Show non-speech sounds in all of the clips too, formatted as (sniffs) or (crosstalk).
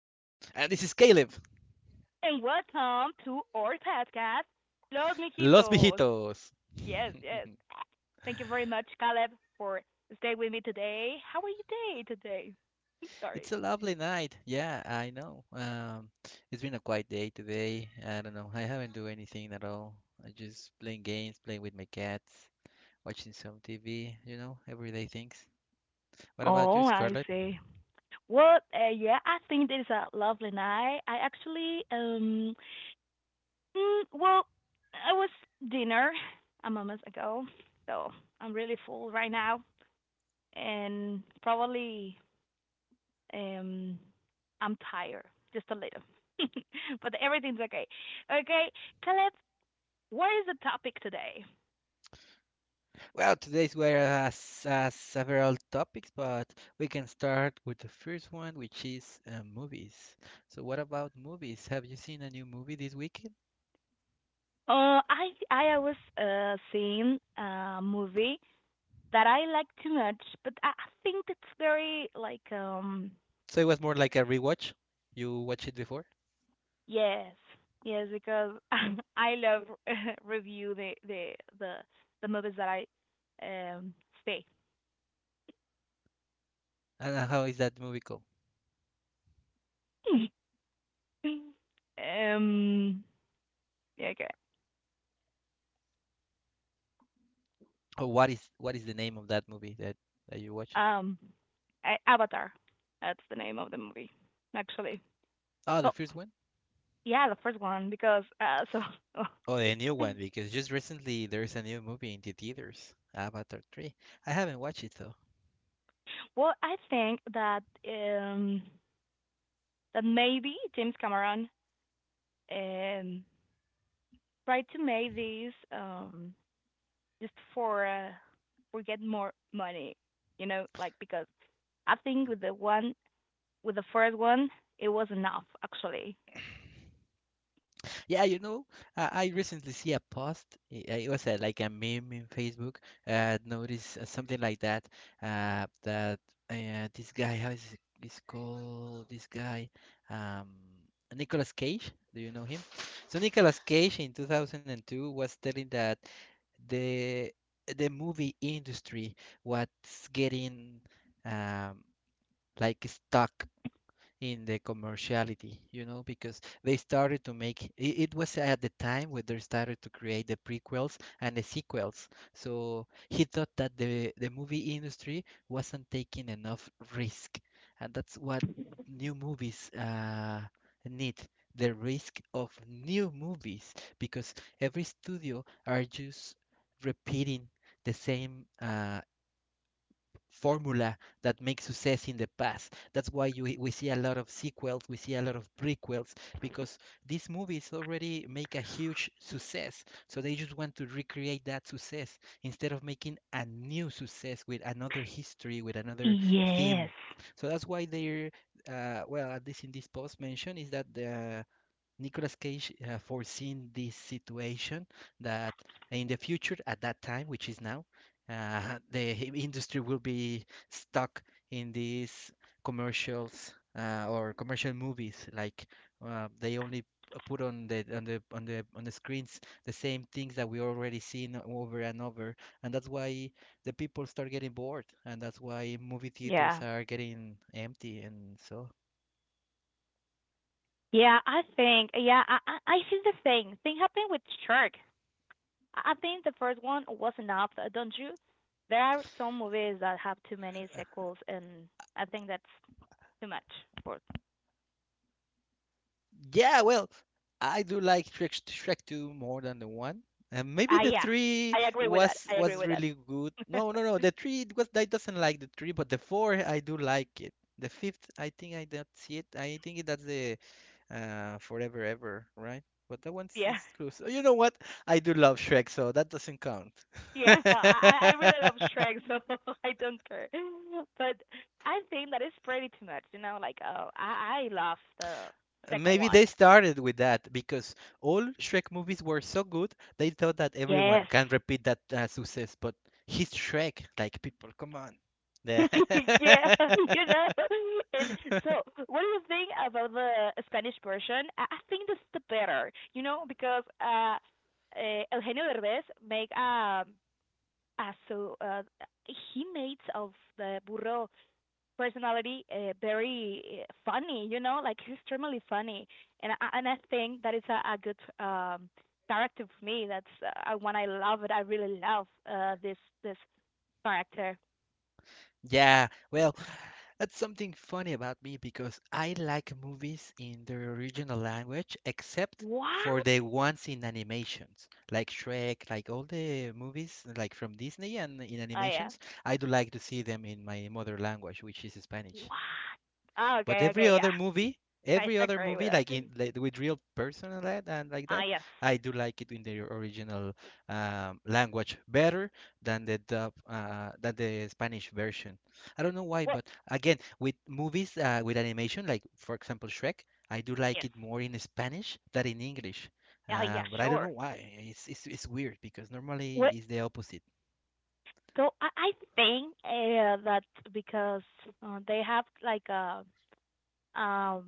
And this is Caleb. and welcome to our podcast, Los Los Mijitos. Viejitos. Yes, yes. Thank you very much, Caleb, for staying with me today. How are you day today? I'm (laughs) Sorry. It's a lovely night. Yeah, I know. It's been a quiet day today. I don't know. I haven't do anything at all. I just playing games, playing with my cats, watching some TV. You know, everyday things. What about you, Oh, I Scarlett? see. Well, yeah, I think this is a lovely night. I actually, well, I was dinner a moment ago, so I'm really full right now, and probably um, I'm tired, just a little, (laughs) but everything's okay. Okay, Caleb, what is the topic today? Well, today's we have several topics, but we can start with the first one, which is movies. So, what about movies? Have you seen a new movie this weekend? I was seeing a movie that I like too much, but I think it's very like So it was more like a rewatch. You watched it before, yes, yes, because (laughs) I love (laughs) review the the movies that I um stay. and how is that movie called? (laughs) um yeah, okay. Or what is the name of that movie that you watch? um Avatar. That's the name of the movie, actually. Oh, So the first one. yeah, the first one because so. Oh, the new one (laughs) because just recently there's a new movie in the theaters, Avatar 3. I haven't watched it though. Well, I think that um that maybe James Cameron um tried to make this just for get more money, you know, like because I think with the one with the first one it was enough actually. Yeah, you know, I recently see a post. It was like a meme in Facebook. Notice something like that. That this guy, how is is called? This guy, um, Nicolas Cage. Do you know him? So Nicolas Cage in 2002 was telling that the the movie industry was getting um, like stuck in the commerciality, you know, because they started to make it, it was at the time when they started to create the prequels and the sequels. So he thought that the movie industry wasn't taking enough risk, and that's what new movies need. The risk of new movies because every studio are just repeating the same formula that makes success in the past. That's why you we see a lot of sequels, we see a lot of prequels because these movies already make a huge success. So they just want to recreate that success instead of making a new success with another history, with another Yes. theme. So that's why they're well, at least in this post mention, is that the Nicolas Cage foreseen this situation that in the future, at that time, which is now, (laughs) the industry will be stuck in these commercials or commercial movies. Like they only put on the screens the same things that we already seen over and over, and that's why the people start getting bored, and that's why movie theaters Yeah. are getting empty and so. Yeah, I think yeah, I see the thing happened with Shark. I think the first one was enough, don't you? There are some movies that have too many sequels, and I think that's too much for. Yeah, well, I do like Shrek, Shrek 2 more than the 1. And maybe Ah, the yeah, 3 I agree with that. was I agree was with really good. that. No, no, no. (laughs) The 3 it was I doesn't like the 3, but the 4 I do like it. The 5th, I think I don't see it. I think that's the Forever Ever, right? But that one's Yeah, is close. You know what? I do love Shrek, so that doesn't count. yeah. I really love (laughs) Shrek, so (laughs) I don't care. But I think that is pretty too much. You know, like oh, I love the second Maybe one. they started with that because all Shrek movies were so good, they thought that everyone Yes, can repeat that success. But he's Shrek, like people, come on. Yeah. (laughs) (laughs) yeah, you know. And so, what do you think about the Spanish version? I think this is the better, you know, because Eugenio Derbez make uh, so uh, he makes of the burro personality very funny, you know, like he's extremely funny, and I think that is a good character for me. That's one I love it. I really love uh, this character. Yeah, well, that's something funny about me because I like movies in their original language, except for What? the ones in animations, like Shrek, like all the movies like from Disney and in Oh yeah. animations. I do like to see them in my mother language, which is Spanish. What? Oh, But okay, okay, yeah. I every other agree with movie, like it. in like, with real person and that and like Ah, that, yes. I do like it in the original language better than the dub, than the Spanish version. I don't know why, What? but again, with movies with animation, like for example Shrek, I do like Yes. it more in Spanish than in English. Ah, yeah, But I don't sure. know why. It's weird because normally What? it's the opposite. So I think that because they have um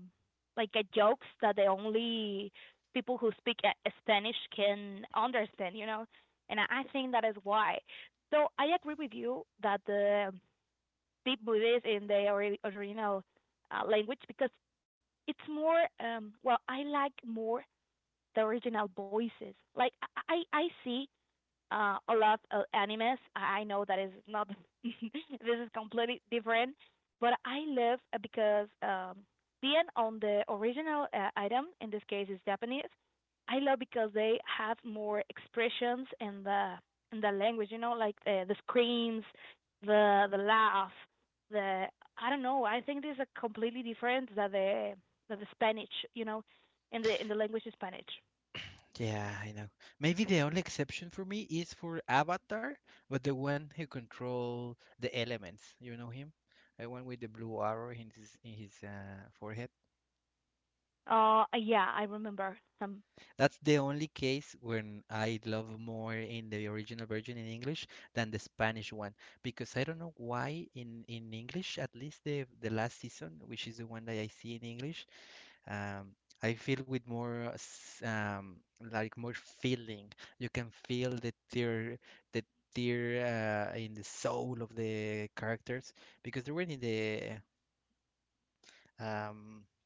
like a jokes that the only people who speak Spanish can understand, you know, and I think that is why. So I agree with you that the deep Buddhist in the original language because it's more well I like more the original voices. Like I see a lot of animes. I know that is not (laughs) this is completely different, but I love because being on the original item in this case is Japanese. I love because they have more expressions in the language. You know, like the screams, the laugh, the I don't know. I think these are completely different than the Spanish. You know, in the language of Spanish. Yeah, I know. Maybe the only exception for me is for Avatar, but the one who control the elements. You know him? The one with the blue arrow in his forehead. Oh, yeah, I remember some. That's the only case when I love more in the original version in English than the Spanish one because I don't know why in English, at least the last season, which is the one that I see in English, um, I feel with more like more feeling. You can feel the tear in the soul of the characters because they were um,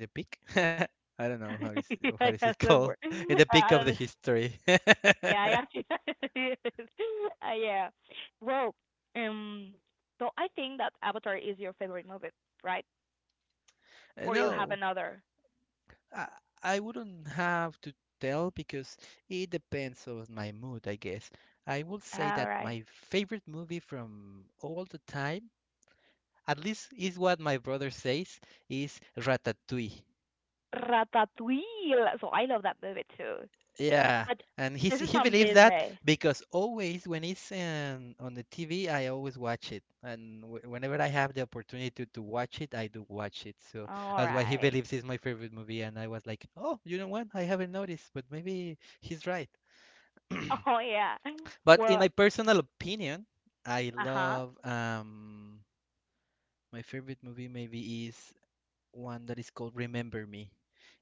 in the peak. (laughs) I don't know (laughs) how Yeah, is yeah, it so called (laughs) in we the (laughs) peak I of don't the know. history. (laughs) Yeah, I actually, (laughs) yes. Yeah. Well, um, so I think that Avatar is your favorite movie, right? Or you have No, another. I, I wouldn't have to tell because it depends on my mood, I guess. I will say All that right. my favorite movie from all the time at least is what my brother says is ratatouille. Ratatouille. So I love that movie too. Yeah, But and this is he from believes that Disney. because always when it's on the TV, I always watch it, and w whenever I have the opportunity to watch it, I do watch it. So All that's why he right. believes it's my favorite movie, and I was like, oh, you know what? I haven't noticed, but maybe he's right. (clears throat) (laughs) Oh yeah. But in Well, my personal opinion, I uh-huh. love my favorite movie maybe is one that is called Remember Me.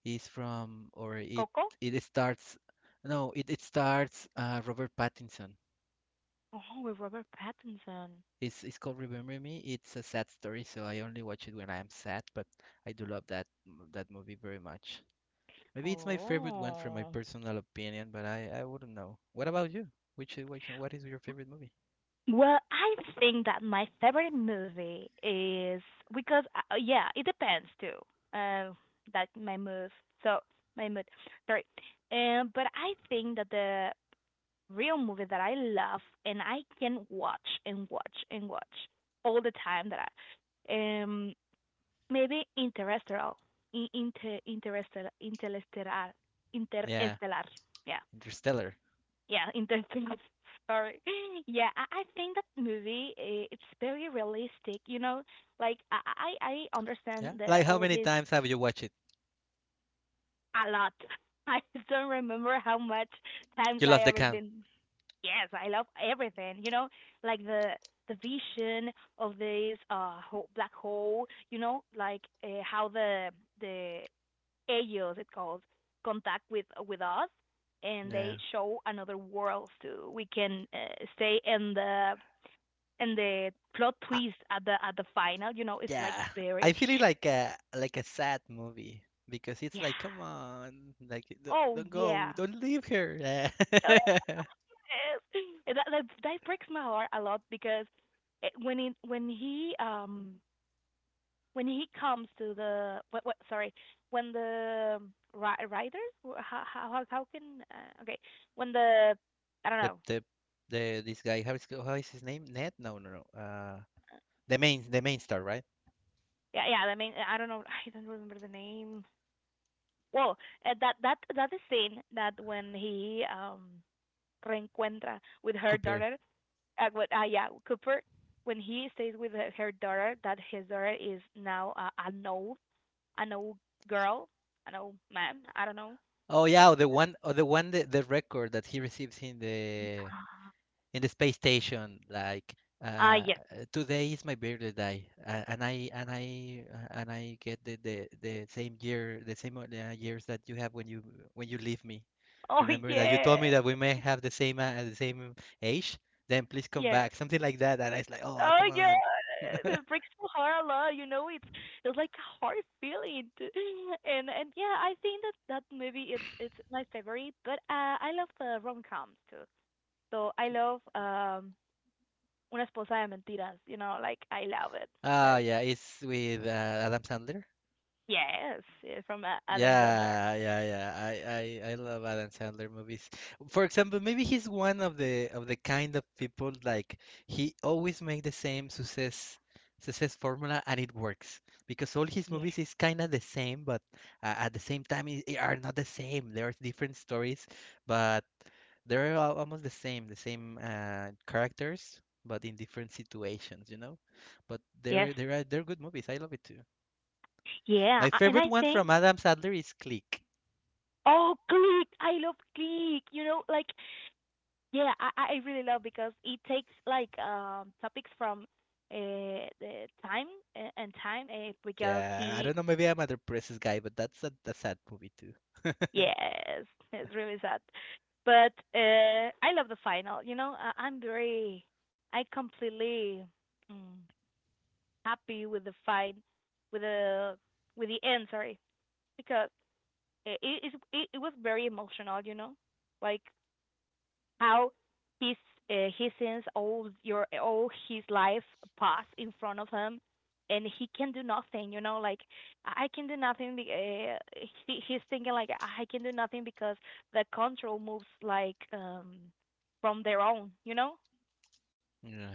It's from or it Coco? it starts no, it starts Robert Pattinson. Oh, with Robert Pattinson. It's called Remember Me. It's a sad story, so I only watch it when I am sad, but I do love that movie very much. Maybe it's my favorite one from my Oh. personal opinion, but I wouldn't know. What about you? Which what is your favorite movie? Well, I think that my favorite movie is because yeah, it depends too. Um, that my mood. So my mood. Sorry. But I think that the real movie that I love and I can watch and watch and watch all the time that I um maybe interstellar, in- inter interstellar, interstellar, Yeah, interstellar. Yeah. Interstellar. Yeah, Interstellar. (laughs) Sorry. (laughs) Yeah, I think that movie, it's very realistic. You know, like I understand Yeah. the Like how all many this times have you watched it? a lot. (laughs) I don't remember how much times You lost I the ever count. been. Yes, I love everything. You know, like the vision of this ho black hole. You know, like how the ellos it's called contact with us and they Yeah. show another world too we can stay in the plot twist at the final, you know, it's like Yeah, very I feel it like a sad movie because it's yeah. like, come on, like Oh don't go, yeah. don't leave her. Oh, (laughs) yes. That, that breaks my heart a lot because when it when he comes to the what, sorry, when the riders how can okay when the I don't The know. the the this guy, how is his name? Ned? No, no, no. The main star, right? Yeah, yeah. I mean, I don't know. I don't remember the name. Well, that that is scene that when he reencuentra with her Cooper. daughter, yeah, Cooper, when he stays with her, her daughter, that his daughter is now an old girl, an old man. I don't know. Oh yeah, the one, oh, the one the record that he receives in the space station like uh, Yes. (laughs) today is my birthday and I get the same year the same years that you have when you leave me. Oh Remember that you told me yeah, that we may have the same age. Then please come yeah. back, something like that. And I was like, oh, Oh come yeah, on. (laughs) it breaks my heart a lot. You know, it's like a hard feeling, to, and yeah, I think that that movie it's my favorite. But I love the rom coms too. So I love Una esposa de mentiras. You know, like I love it. Ah, That's yeah, it's with Adam Sandler. yes, yeah, from Adam Sandler. Yeah, yeah, yeah. I love Adam Sandler movies. For example, maybe he's one of the kind of people like he always make the same success success formula and it works because all his Yeah. movies is kind of the same, but at the same time it are not the same. There are different stories, but almost the same characters, but in different situations, you know. But Yes. they're good movies. I love it too. Yeah, My and favorite I one think from Adam Sandler is Click. oh Click, I love Click. You know, like yeah, I really love because it takes like topics from the time and time because Yeah, I he don't know. Maybe I'm a depressed guy, but that's a sad movie too. yes. (laughs) It's really sad, but I love the final. You know I'm very I completely mm, happy with the fine with the with the end. Sorry because it it was very emotional. You know like how he's he sees all your all his life pass in front of him and he can do nothing, you know, like I can do nothing he, he's thinking like I can do nothing because the control moves like from their own, you know. Yeah.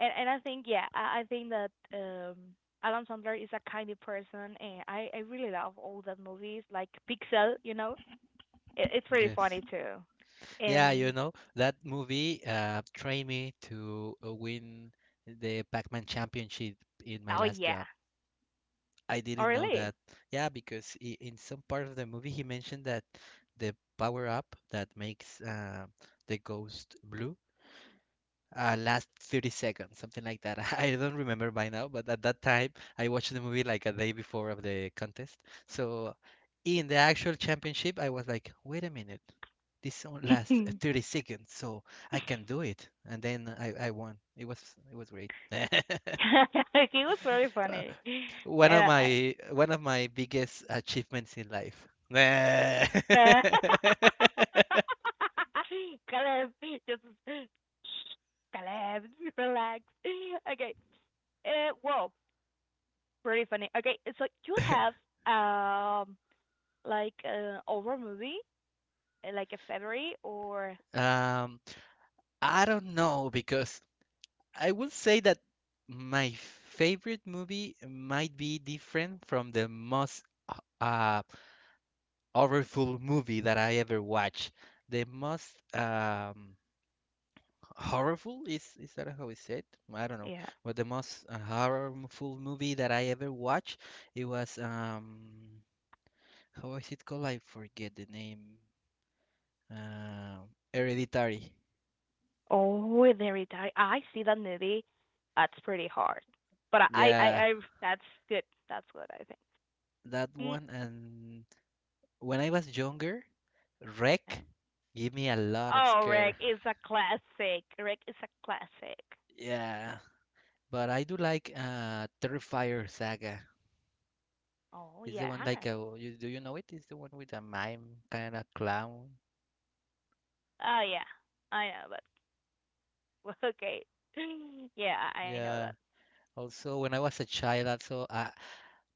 And I think yeah I think that adam sandler is a kind of person and i really love all the movies like pixel, you know, it, it's really Yes. funny too. Yeah, you And know that movie trained me to win the Pac-Man championship in my oh last yeah. job. I Oh didn't know really. that. Yeah, because I in some part of the movie he mentioned that the power up that makes the ghost blue last 30 seconds, something like that. (laughs) I don't remember by now, but at that time, I watched the movie like a day before of the contest. So in the actual championship, I was like, wait a minute, this only (laughs) lasts He 30 seconds, so I can do it. And then I won. It was great. (laughs) was very Uh, funny. One of And I, (laughs) my one of my biggest achievements in life. (laughs) Caleb, just Caleb, relax. Okay. Whoa, pretty funny. Okay, so you have um like an horror movie, like a February or Um, I don't know because I would say that my favorite movie might be different from the most h- uh, horrorful movie that I ever watched. The most um, horrible is that how it's said? I don't know. yeah. But the most horrorful movie that I ever watched, it was how is it called? I forget the name. Uh, Hereditary. Oh, there it I see that movie. That's pretty hard, but I I Yeah, I that's good. That's good. I think. that Mm, one. And when I was younger. yeah. Wreck give me a lot of Oh, Rick scare. is a classic. Rick is a classic. Yeah, but I do like Terrifier Saga. Oh Is the yeah. one like a you, do you know it? Is the one with a mime kind of clown? Oh yeah. I know that. (laughs) Okay. (laughs) Yeah, I know that. Yeah. Also, when I was a child, also,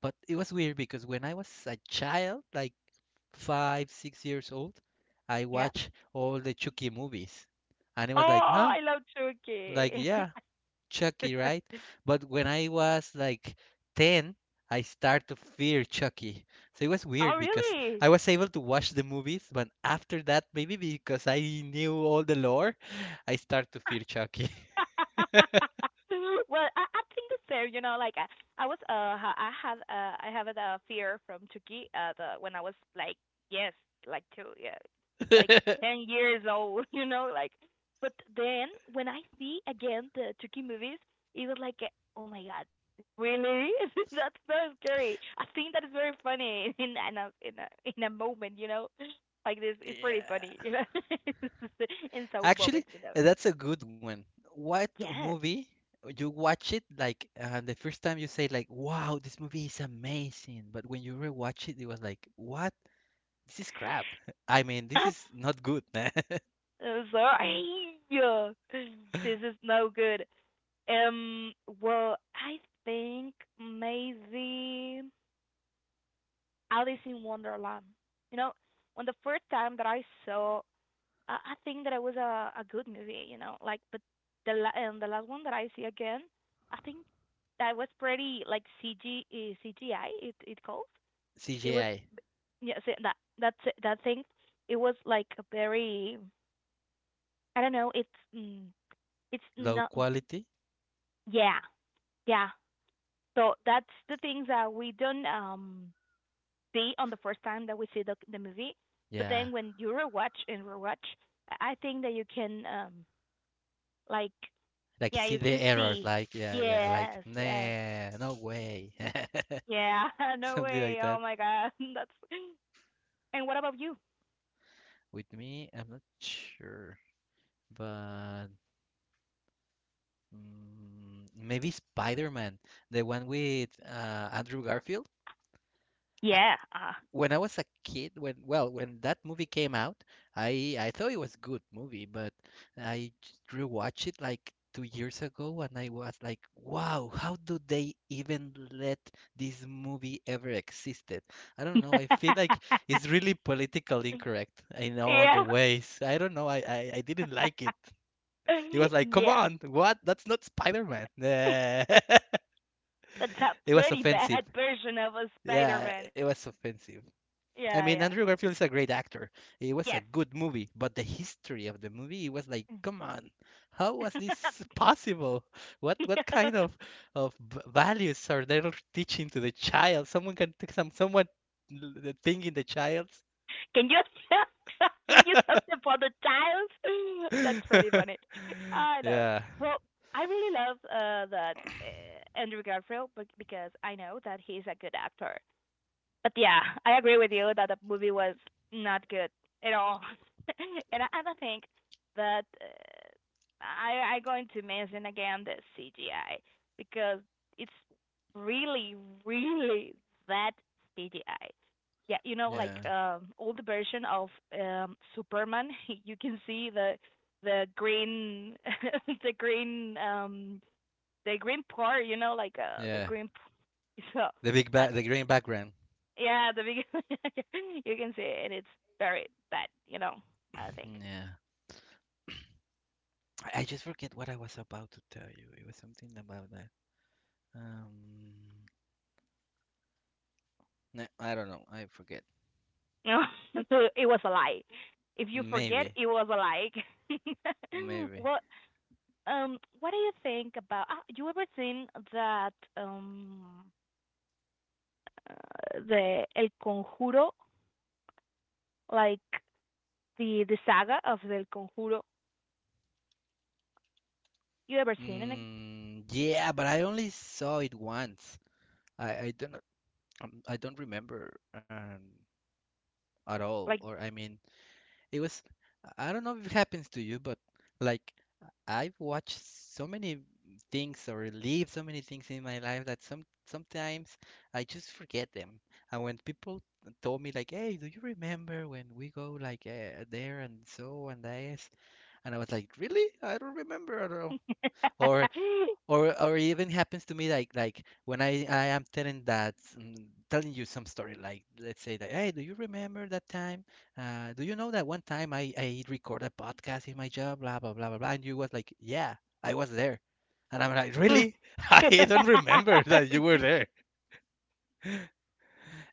but it was weird because when I was a child, like five, 6 years old, I Yeah. watched all the Chucky movies, and it was like, Oh, huh? I love Like, Chucky. yeah, Chucky, right? (laughs) But when I was like 10, I start to fear Chucky. So it was Oh, weird because really? I was able to watch the movies, but after that, maybe because I knew all the lore, I start to (laughs) fear Chucky. (laughs) Well, I think the same. You know, like I was I have a fear from Turkey. The when I was like yes, like two, yeah, like (laughs) 10 years old. (laughs) You know, like. But then when I see again the Turkey movies, it was like, oh my god, really? (laughs) That's so scary. I think that is very funny (laughs) in a moment. You know, like this, it's pretty funny. Yeah. You know, (laughs) in some Actually, moments, you know. that's a good one. What Yes. movie you watch it like the first time you say like, "Wow, this movie is amazing," but when you rewatch it, it was like, "What? This is crap. (laughs) I mean, this is (laughs) not good." (laughs) Sorry. (laughs) This is no good. Um, well, I think maybe Alice in Wonderland. You know, when the first time that I saw, I think that it was a good movie. You know, like but the and the last one that I see again, I think that was pretty like CG CGI. It it calls. It was CGI, yeah see, that's that thing. It was like a very I don't know. It's mm, it's low not quality. yeah, yeah. So that's the things that we don't see on the first time that we see the movie, but Yeah, then when you rewatch and rewatch, I think that you can like like yeah see you the can errors. see Like yeah, yeah, like yes yes nah, no way, yeah (laughs) (laughs) no something like way oh that. my god (laughs) that's and what about you With me, I'm not sure, but maybe Spider-Man, the one with Andrew Garfield. I, yeah. when I was a kid, when well, when that movie came out, I thought it was good movie, but I just rewatched it like two years ago, and I was like, wow, how do they even let this movie ever existed? I don't know. I feel (laughs) like it's really politically incorrect in all the Yeah. ways. I don't know. I didn't like it. It was (laughs) like, come Yeah. on, what? That's not Spider-Man. (laughs) (laughs) it That's a was pretty bad offensive. (laughs) version of a Spider Yeah, Man. it was offensive. I Yeah, mean, yeah, Andrew Garfield is a great actor. It was a yes. good movie, but the history of the movie it was like, Mm. come on, how was this (laughs) (laughs) possible? What Yeah. kind of v- values are they teaching to the child? Someone can take some someone l- the thing in the child. Can you stop? (laughs) Can you stop the for the child? (laughs) That's pretty (laughs) funny. I know. Yeah, Well, I really love that Andrew Garfield because I know that he's a good actor. But yeah, I agree with you that the movie was not good at all. (laughs) And I don't think that I going to mention again the CGI because it's really really that CGI. Yeah, you know like yeah, old version of Superman, (laughs) you can see the green (laughs) the green um the green part, you know like the yeah. green (laughs) so The big back, that's the green background. yeah, the big. (laughs) You can see it. It's very bad, you know. I think. (clears throat) Yeah, I just forget what I was about to tell you. It was something about that. Um, no, I don't know. I forget. No, (laughs) so it was a lie. If you forget, Maybe, it was a lie. (laughs) maybe. Well, what do you think about? Ah, you ever seen that the El Conjuro, like the saga of the El Conjuro? You ever seen it? Mm, yeah, but I only saw it once. I don't I don't remember at all. Like Or I mean, it was I don't know if it happens to you, but like I've watched so many things or lived so many things in my life that some sometimes I just forget them. And when people told me like, "Hey, do you remember when we go like there and so and this?" And I was like, "Really? I don't remember at all." Or or even happens to me like when I am telling that telling you some story, like let's say that, hey, do you remember that time do you know that one time I recorded a podcast in my job blah blah blah blah blah, and you was like, yeah, I was there, and I'm like, really? (laughs) I don't remember that you were there,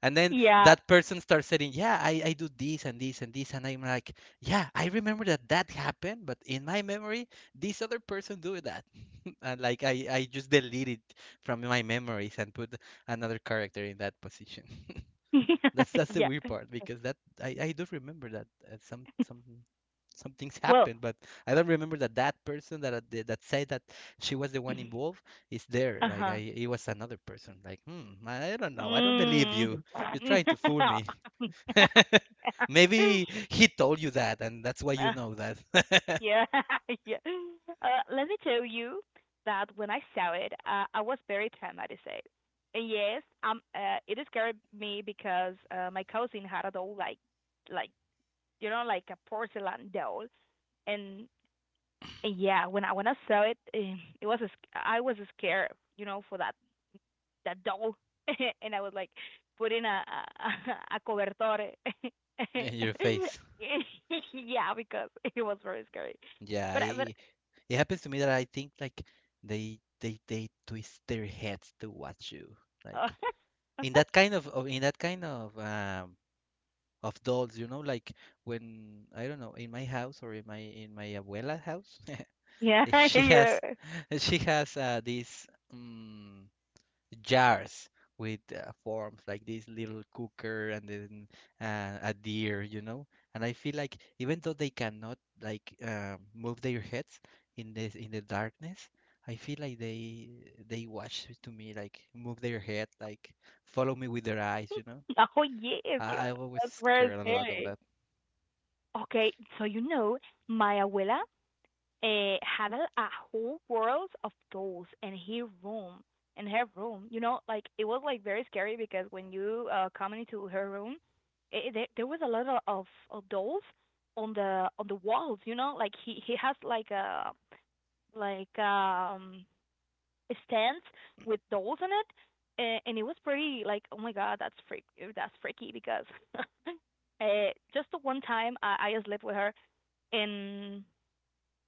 and (laughs) then yeah, that person starts saying, yeah, I do this and this and this, and I'm like, yeah, I remember that that happened, but in my memory this other person do that, and like I just delete it from my memories and put another character in that position. (laughs) (laughs) That's the yeah. weird part because that I do remember that uh, some some some things Well, happened, but I don't remember that that person that I did- that said that she was the one involved is there. Like I uh-huh. it was another person. Like hmm, I don't know. I don't believe you. Mm. You're trying to fool me. (laughs) (laughs) Maybe he told you that, and that's why you Uh, know that (laughs) yeah, (laughs) yeah. Let me tell you that when I saw it, I was very traumatized. And yes, it scared me because my cousin had a doll, like you know, like a porcelain doll, and, and yeah, when I saw it, it was a, I was scared, you know, for that that doll, (laughs) and I would like put in a, a cobertor. (laughs) in your face. Yeah, because it was very scary. Yeah, But I, it happens to me that I think like they twist their heads to watch you, uh, like in that kind of in that kind of dolls, you know, like when I don't know in my house or in my abuela house, (laughs) yeah, (laughs) she you're has (laughs) she has this. Um, jars with forms like this little cooker and then a deer, you know. And I feel like even though they cannot like move their heads in this in the darkness, I feel like they watch to me like move their head, like follow me with their eyes, you know. oh yeah, I always that's very scared a lot of scary. that. Okay, so you know, my abuela had a whole world of dolls in her room. In her room, you know, like it was like very scary because when you come into her room, there was a lot of dolls on the walls. You know, like he has like a stand with dolls in it, and it was pretty like oh my god that's freak that's freaky because (laughs) uh, just the one time I slept with her. And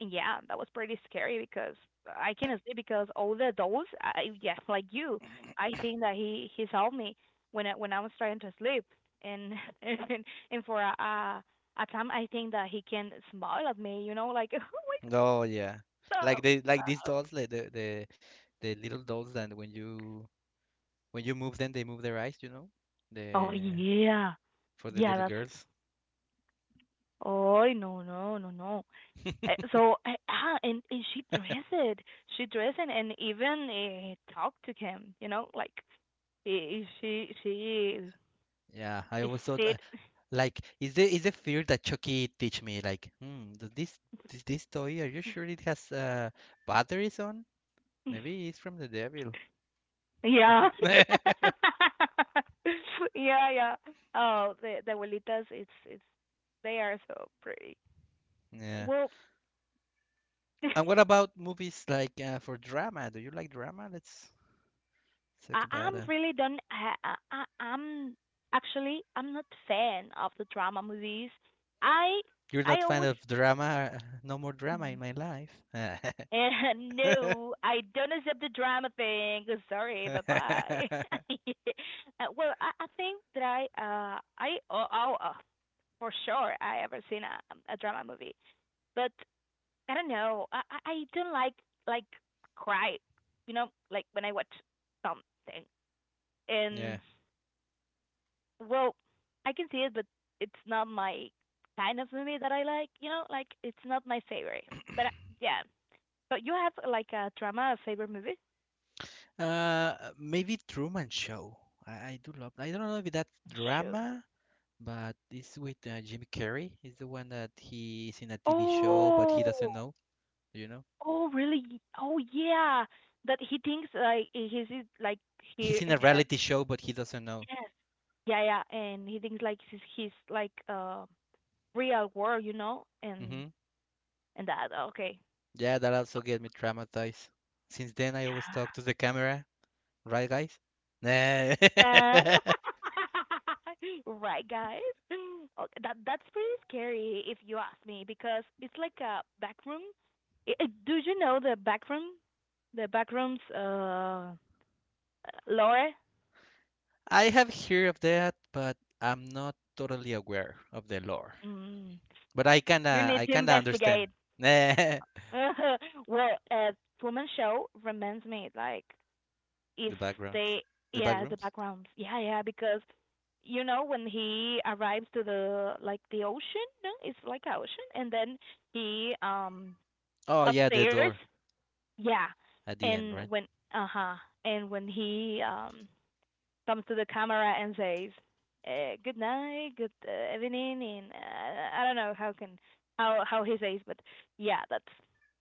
yeah, that was pretty scary because I cannot sleep because all the adults, I, yeah, like you, I think that he's helped me when when I was trying to sleep, and (laughs) and and for a time I think that he can smile at me, you know, like (laughs) oh Oh yeah, like they like these dolls, like the little dolls that when you move them, they move their eyes, you know. my god, oh The yeah, for the yeah, little that's girls. oh no no no no. (laughs) So and she dressed it, and even talked to him, you know, like she Yeah, I is always thought said. like is there is a fear that Chucky teach me like hmm, does this this, this toy, are you sure it has batteries on? (laughs) Maybe it's from the devil. Yeah. (laughs) (laughs) Yeah, yeah. Oh, the abuelitas, it's they are so pretty. Yeah. Well, And what (laughs) about movies like for drama? Do you like drama? Let's talk I, I'm about it. really don't I I'm actually I'm not fan of the drama movies. I You're I not fan always of drama? No more drama in my life. (laughs) (laughs) no I don't accept the drama thing. (laughs) Sorry, bye bye. (laughs) Well, I think that for sure I ever seen a drama movie. But I don't know. I don't like cry. You know, like when I watch something. And Yeah. well, I can see it, but it's not my kind of movie that I like. You know, like it's not my favorite. But yeah. But you have like a drama favorite movie? Maybe Truman Show. I do love. I don't know if that's Show. drama, but this with Jim Carrey. Is the one that he's in a TV show, but Oh, he doesn't know. You know, oh, really? Oh, yeah. That he thinks like like he. he's in a reality show, but he doesn't know. Yeah. Yeah, yeah, and he thinks like he's like real world, you know, Hmm. and that okay. Yeah, that also get me traumatized. Since then, I always talk to the camera, right, guys? Nah. uh, (laughs) right guys okay, that that's pretty scary if you ask me because it's like a back room. Do you know the back room, the back rooms lore? (laughs) I have heard of that, but I'm not totally aware of the lore. Mm, But you need I to kinda understand. investigate. (laughs) Nah. (laughs) Well, woman show reminds me like if The backgrounds, they the back yeah the rooms. backgrounds yeah yeah because you know when he arrives to the like the ocean, no, it's like a ocean, and then he Oh yeah, the upstairs. door Yeah, at the end, and right? when uh-huh and when he comes to the camera and says, good night, good evening, and I don't know how can how he says but yeah, that's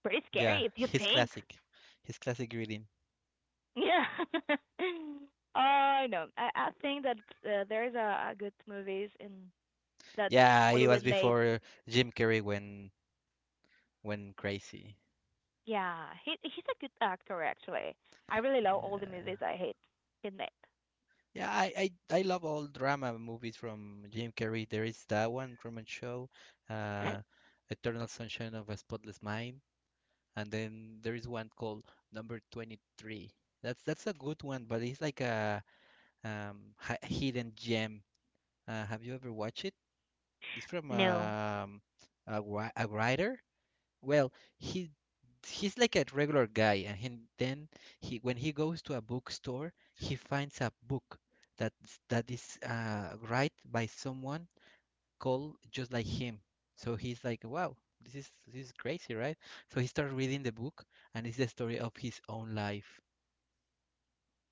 pretty Yeah, scary if (laughs) you think. His classic reading. Yeah. (laughs) No, I think that there's a good movies in that Yeah, it was Hollywood made. before Jim Carrey went crazy. Yeah, he he's a good actor actually. I really love all the Yeah, movies I hate he made. yeah. I love all drama movies from Jim Carrey. There is that one Truman Show, uh, Eternal Sunshine of a Spotless Mind, and then there is one called Number 23. That's a good one, but it's like a hi- hidden gem. Have you ever watched it? It's (sniffs) from No. A, wri- a writer. Well, he he's like a regular guy, and he, then he when he goes to a bookstore, he finds a book that that is right by someone called just like him. So he's like, wow, this is crazy, right? So he starts reading the book, and it's the story of his own life.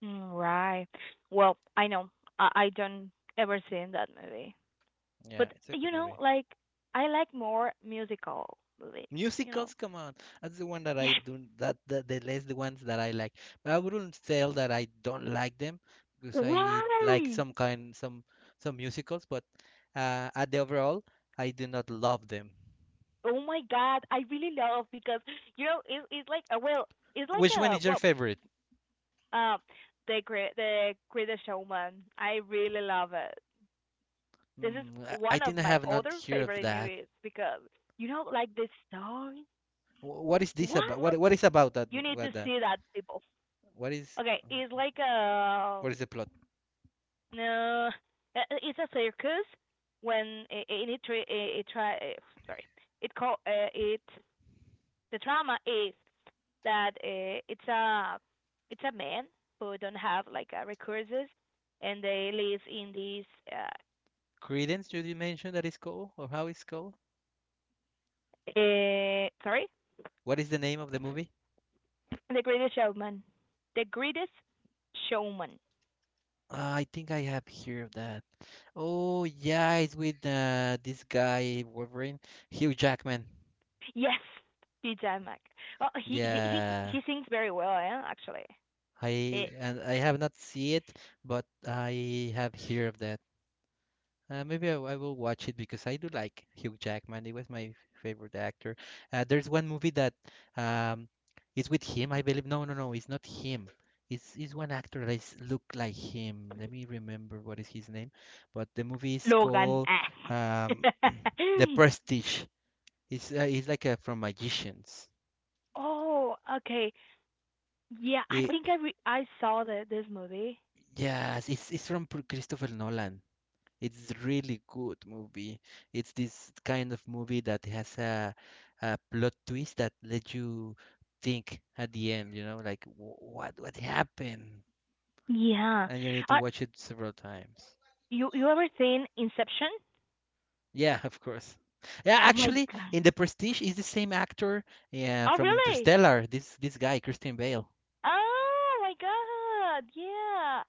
Mm, right. Well, I know, I don't ever seen that movie, Yeah, but it's a you good know, movie. like I like more musical movies. You know. Musicals, come on. That's the one that I Yes. don't that, that the less the ones that I like. But I wouldn't tell that I don't like them because I like Why? some kind some musicals, but at the overall, I do not love them. Oh my God, I really love because you know it, it's like Which one a is your well, favorite? um, the greatest showman. I really love it. This is Mm, I one of think I my have not other heard of favorite that. movies because you know like the story. Wh- What is this What, about? What is about that? you Mo- need to What that? see that, people. What is Okay, it's like a what is the plot? no, it's a circus when it try sorry, it call it the drama is that it's a man who don't have like resources, and they live in this uh, Credence, did you mention that is called or how it's called? Sorry, What is the name of the movie? the greatest showman, the greatest showman. I think I have heard of that. Oh yeah, it's with this guy Wolverine, Hugh Jackman. Yes, DJ Mac. Oh, Yeah, he sings very well, actually. eh, I and I have not seen it, but I have heard of that. Maybe I will watch it because I do like Hugh Jackman. He was my favorite actor. There's one movie that um, it's with him, I believe. No, no, no, it's not him. It's one actor that is, look like him. Let me remember what is his name. But the movie is Logan, called ah. um, (clears throat) The (laughs) Prestige. It's like a, from Magicians. Oh okay, yeah I It, think I saw the, this movie. yes, it's from Pr- Christopher Nolan. It's really good movie. It's this kind of movie that has a plot twist that let you think at the end, you know, like "Wh- what happened?" Yeah, And you need to uh, watch it several times. you you ever seen Inception? Yeah, of course. Yeah, Oh my actually, god. in The Prestige is the same actor yeah, Oh, from really? Interstellar. This guy, Christian Bale. Oh my God. Yeah.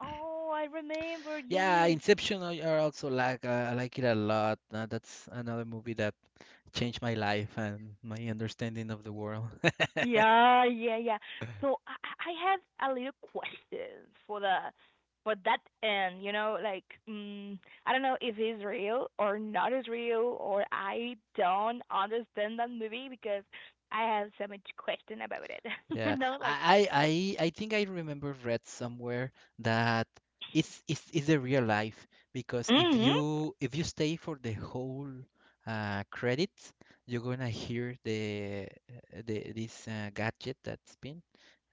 Oh, I remember. Yeah, Yes. Inception. I also like I like it a lot. That's another movie that changed my life and my understanding of the world. Yeah, yeah, yeah. So I I have a little question for the for that end, you know, like mm, I don't know if it's real or not is real or I don't understand that movie because I have so much question about it. (laughs) Yeah, You know, like I think I remember read somewhere that it's a real life because hmm if you stay for the whole credit, you're gonna hear the this gadget that's been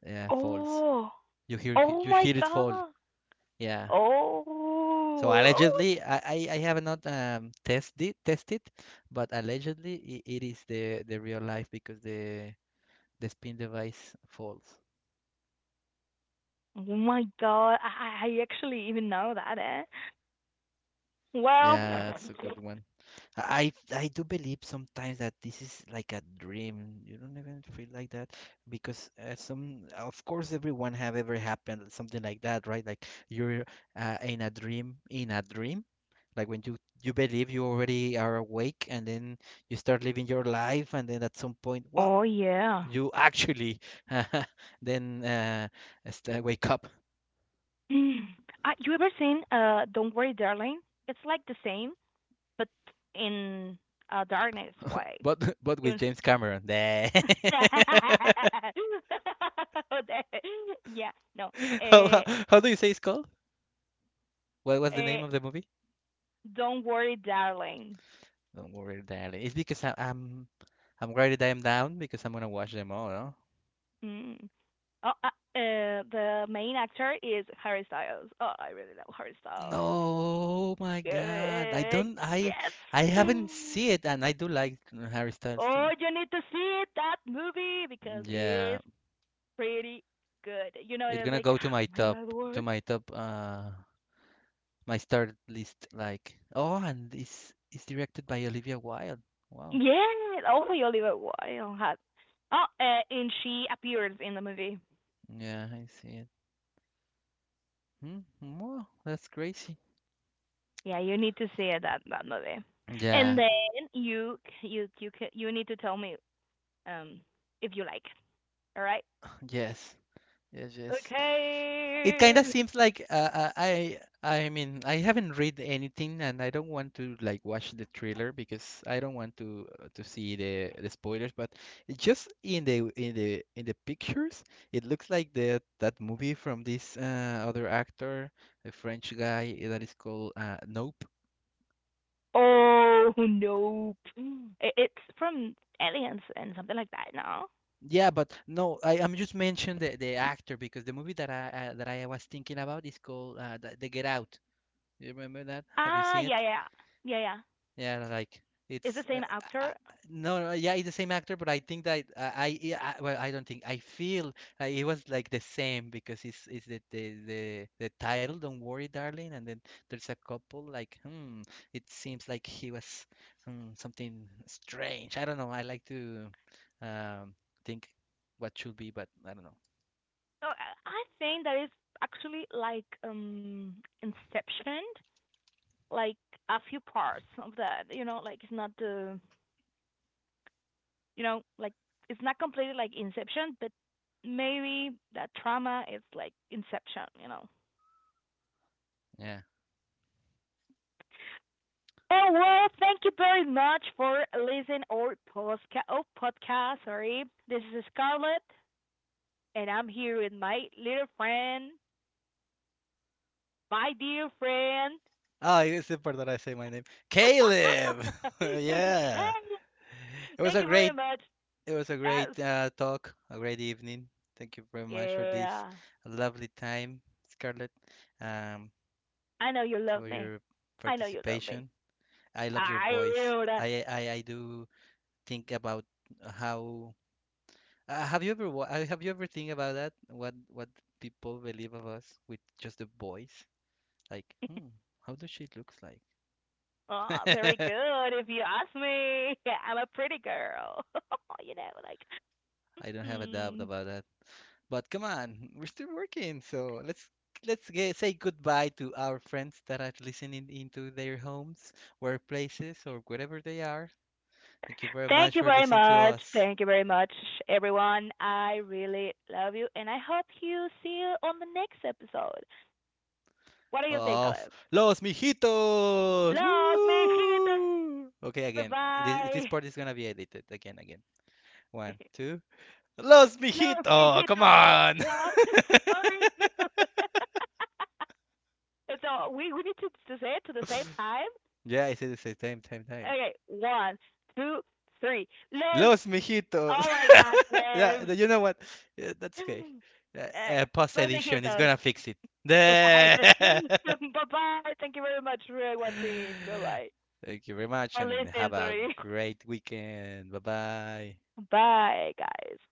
falls. oh. Oh You my hear it fall. God. Yeah. Oh, So oh, allegedly, I have not tested tested, but allegedly it, it is the real life because the spin device falls. oh my God. I actually even know that, eh? Well, Yeah, that's a good one. I do believe sometimes that this is like a dream. You don't even feel like that because some, of course, everyone have ever happened something like that, right? Like you're in a dream, like when you believe you already are awake, and then you start living your life, and then at some point, wow, oh yeah. you actually (laughs) then st- wake up. Mm. You ever seen Don't Worry Darling? It's like the same, but in a darkness way. But (laughs) but with You James Cameron, (laughs) (laughs) Okay. Yeah, no. (laughs) How, how Uh, how do you say it's called? What was the uh, name of the movie? Don't Worry Darling. Don't worry, darling. It's because I'm writing them down because I'm gonna watch them all. No? Mm. Oh, the main actor is Harry Styles. Oh, I really love Harry Styles. No, my God. I Uh, don't. Yes. I haven't seen it, and I do like Harry Styles Oh, too. you need to see it, that movie because Yeah, it's pretty good. You know, it's it's gonna like, go oh my God, to what? my top my start list. Like oh, and it's directed by Olivia Wilde. Wow. Yeah, only Oliver Wilde had. Oh, and she appears in the movie. Yeah, I see it. Hmm? Wow, that's crazy. Yeah, you need to see it, that that movie. And Yeah. then you you need to tell me um if you like. All right. Yes. Yes. Yes. It kind Okay. of seems like I mean I haven't read anything and I don't want to like watch the trailer because I don't want to see the spoilers. But just in the in the in the pictures, it looks like the that movie from this other actor, a French guy that is called Nope. Oh, nope. It, it's from Aliens and something like that, no? Yeah, but no, I I'm just mentioned the actor because the movie that I was thinking about is called the Get Out. You remember that? Have you Ah, seen it? yeah, yeah, yeah, yeah. Yeah, like It's the it's same uh, actor. no, no, yeah, it's the same actor, but I think that I, yeah, I well, I don't think I feel it was like the same because it's the title, Don't Worry, Darling, and then there's a couple like hmm, it seems like he was hmm, something strange. I don't know. I like to um think what should be, but I don't know. So I I think that is actually like Inception, like a few parts of that. You know, like it's not the, you know, like it's not completely like Inception, but maybe that trauma is like Inception. You know. Yeah. Oh well, thank you very much for listening or podcast. Oh, podcast. Sorry, this is Scarlett, and I'm here with my little friend, my dear friend. Oh, it's important that I say my name, Caleb. (laughs) (laughs) Thank you. Yeah, it was Thank a you very great much. It was a great That's, talk, a great evening. Thank you very much for this yeah, lovely time, Scarlett, um, I know you love for me. your I know you love me. participation. I love your I voice. do. That. I do think about how have you ever wa- have you ever think about that? What people believe of us with just the voice? Like, (laughs) hmm, how does she looks like? (laughs) Oh, very good. If you ask me, (laughs) I'm a pretty girl. (laughs) You know, like. I don't have a doubt Hmm. about But come on, we're still working, so let's get, say goodbye to our friends that are listening into their homes, workplaces, or wherever they are. Thank you very Thank much you for very listening to much. us. Thank you very much, everyone. I really love you, and I hope you see you on the next episode. What do you think, Of Caleb? Los Mijitos! Love, Mejito. Woo! Okay, Bye again. This bye. part is gonna be edited. Again, again. One, (laughs) two. Los Love, Mijitos! Come Mejito. on! Well, (laughs) sorry. (laughs) (laughs) So we need to say it to the same time. yeah, I said the same time, time, time. Okay, one, two, three. Love. Los mijitos. Oh my God, (laughs) yeah, Caleb. the- you know what? Yeah, (clears throat) that's okay. (laughs) There you Post go. Love, edition is Mejitos. gonna fix it. (laughs) Bye The- (laughs) bye. Thank you very much for watching. Bye bye. Thank you very much Or and listening, have a sorry. great weekend. Bye bye. (laughs) Bye, guys.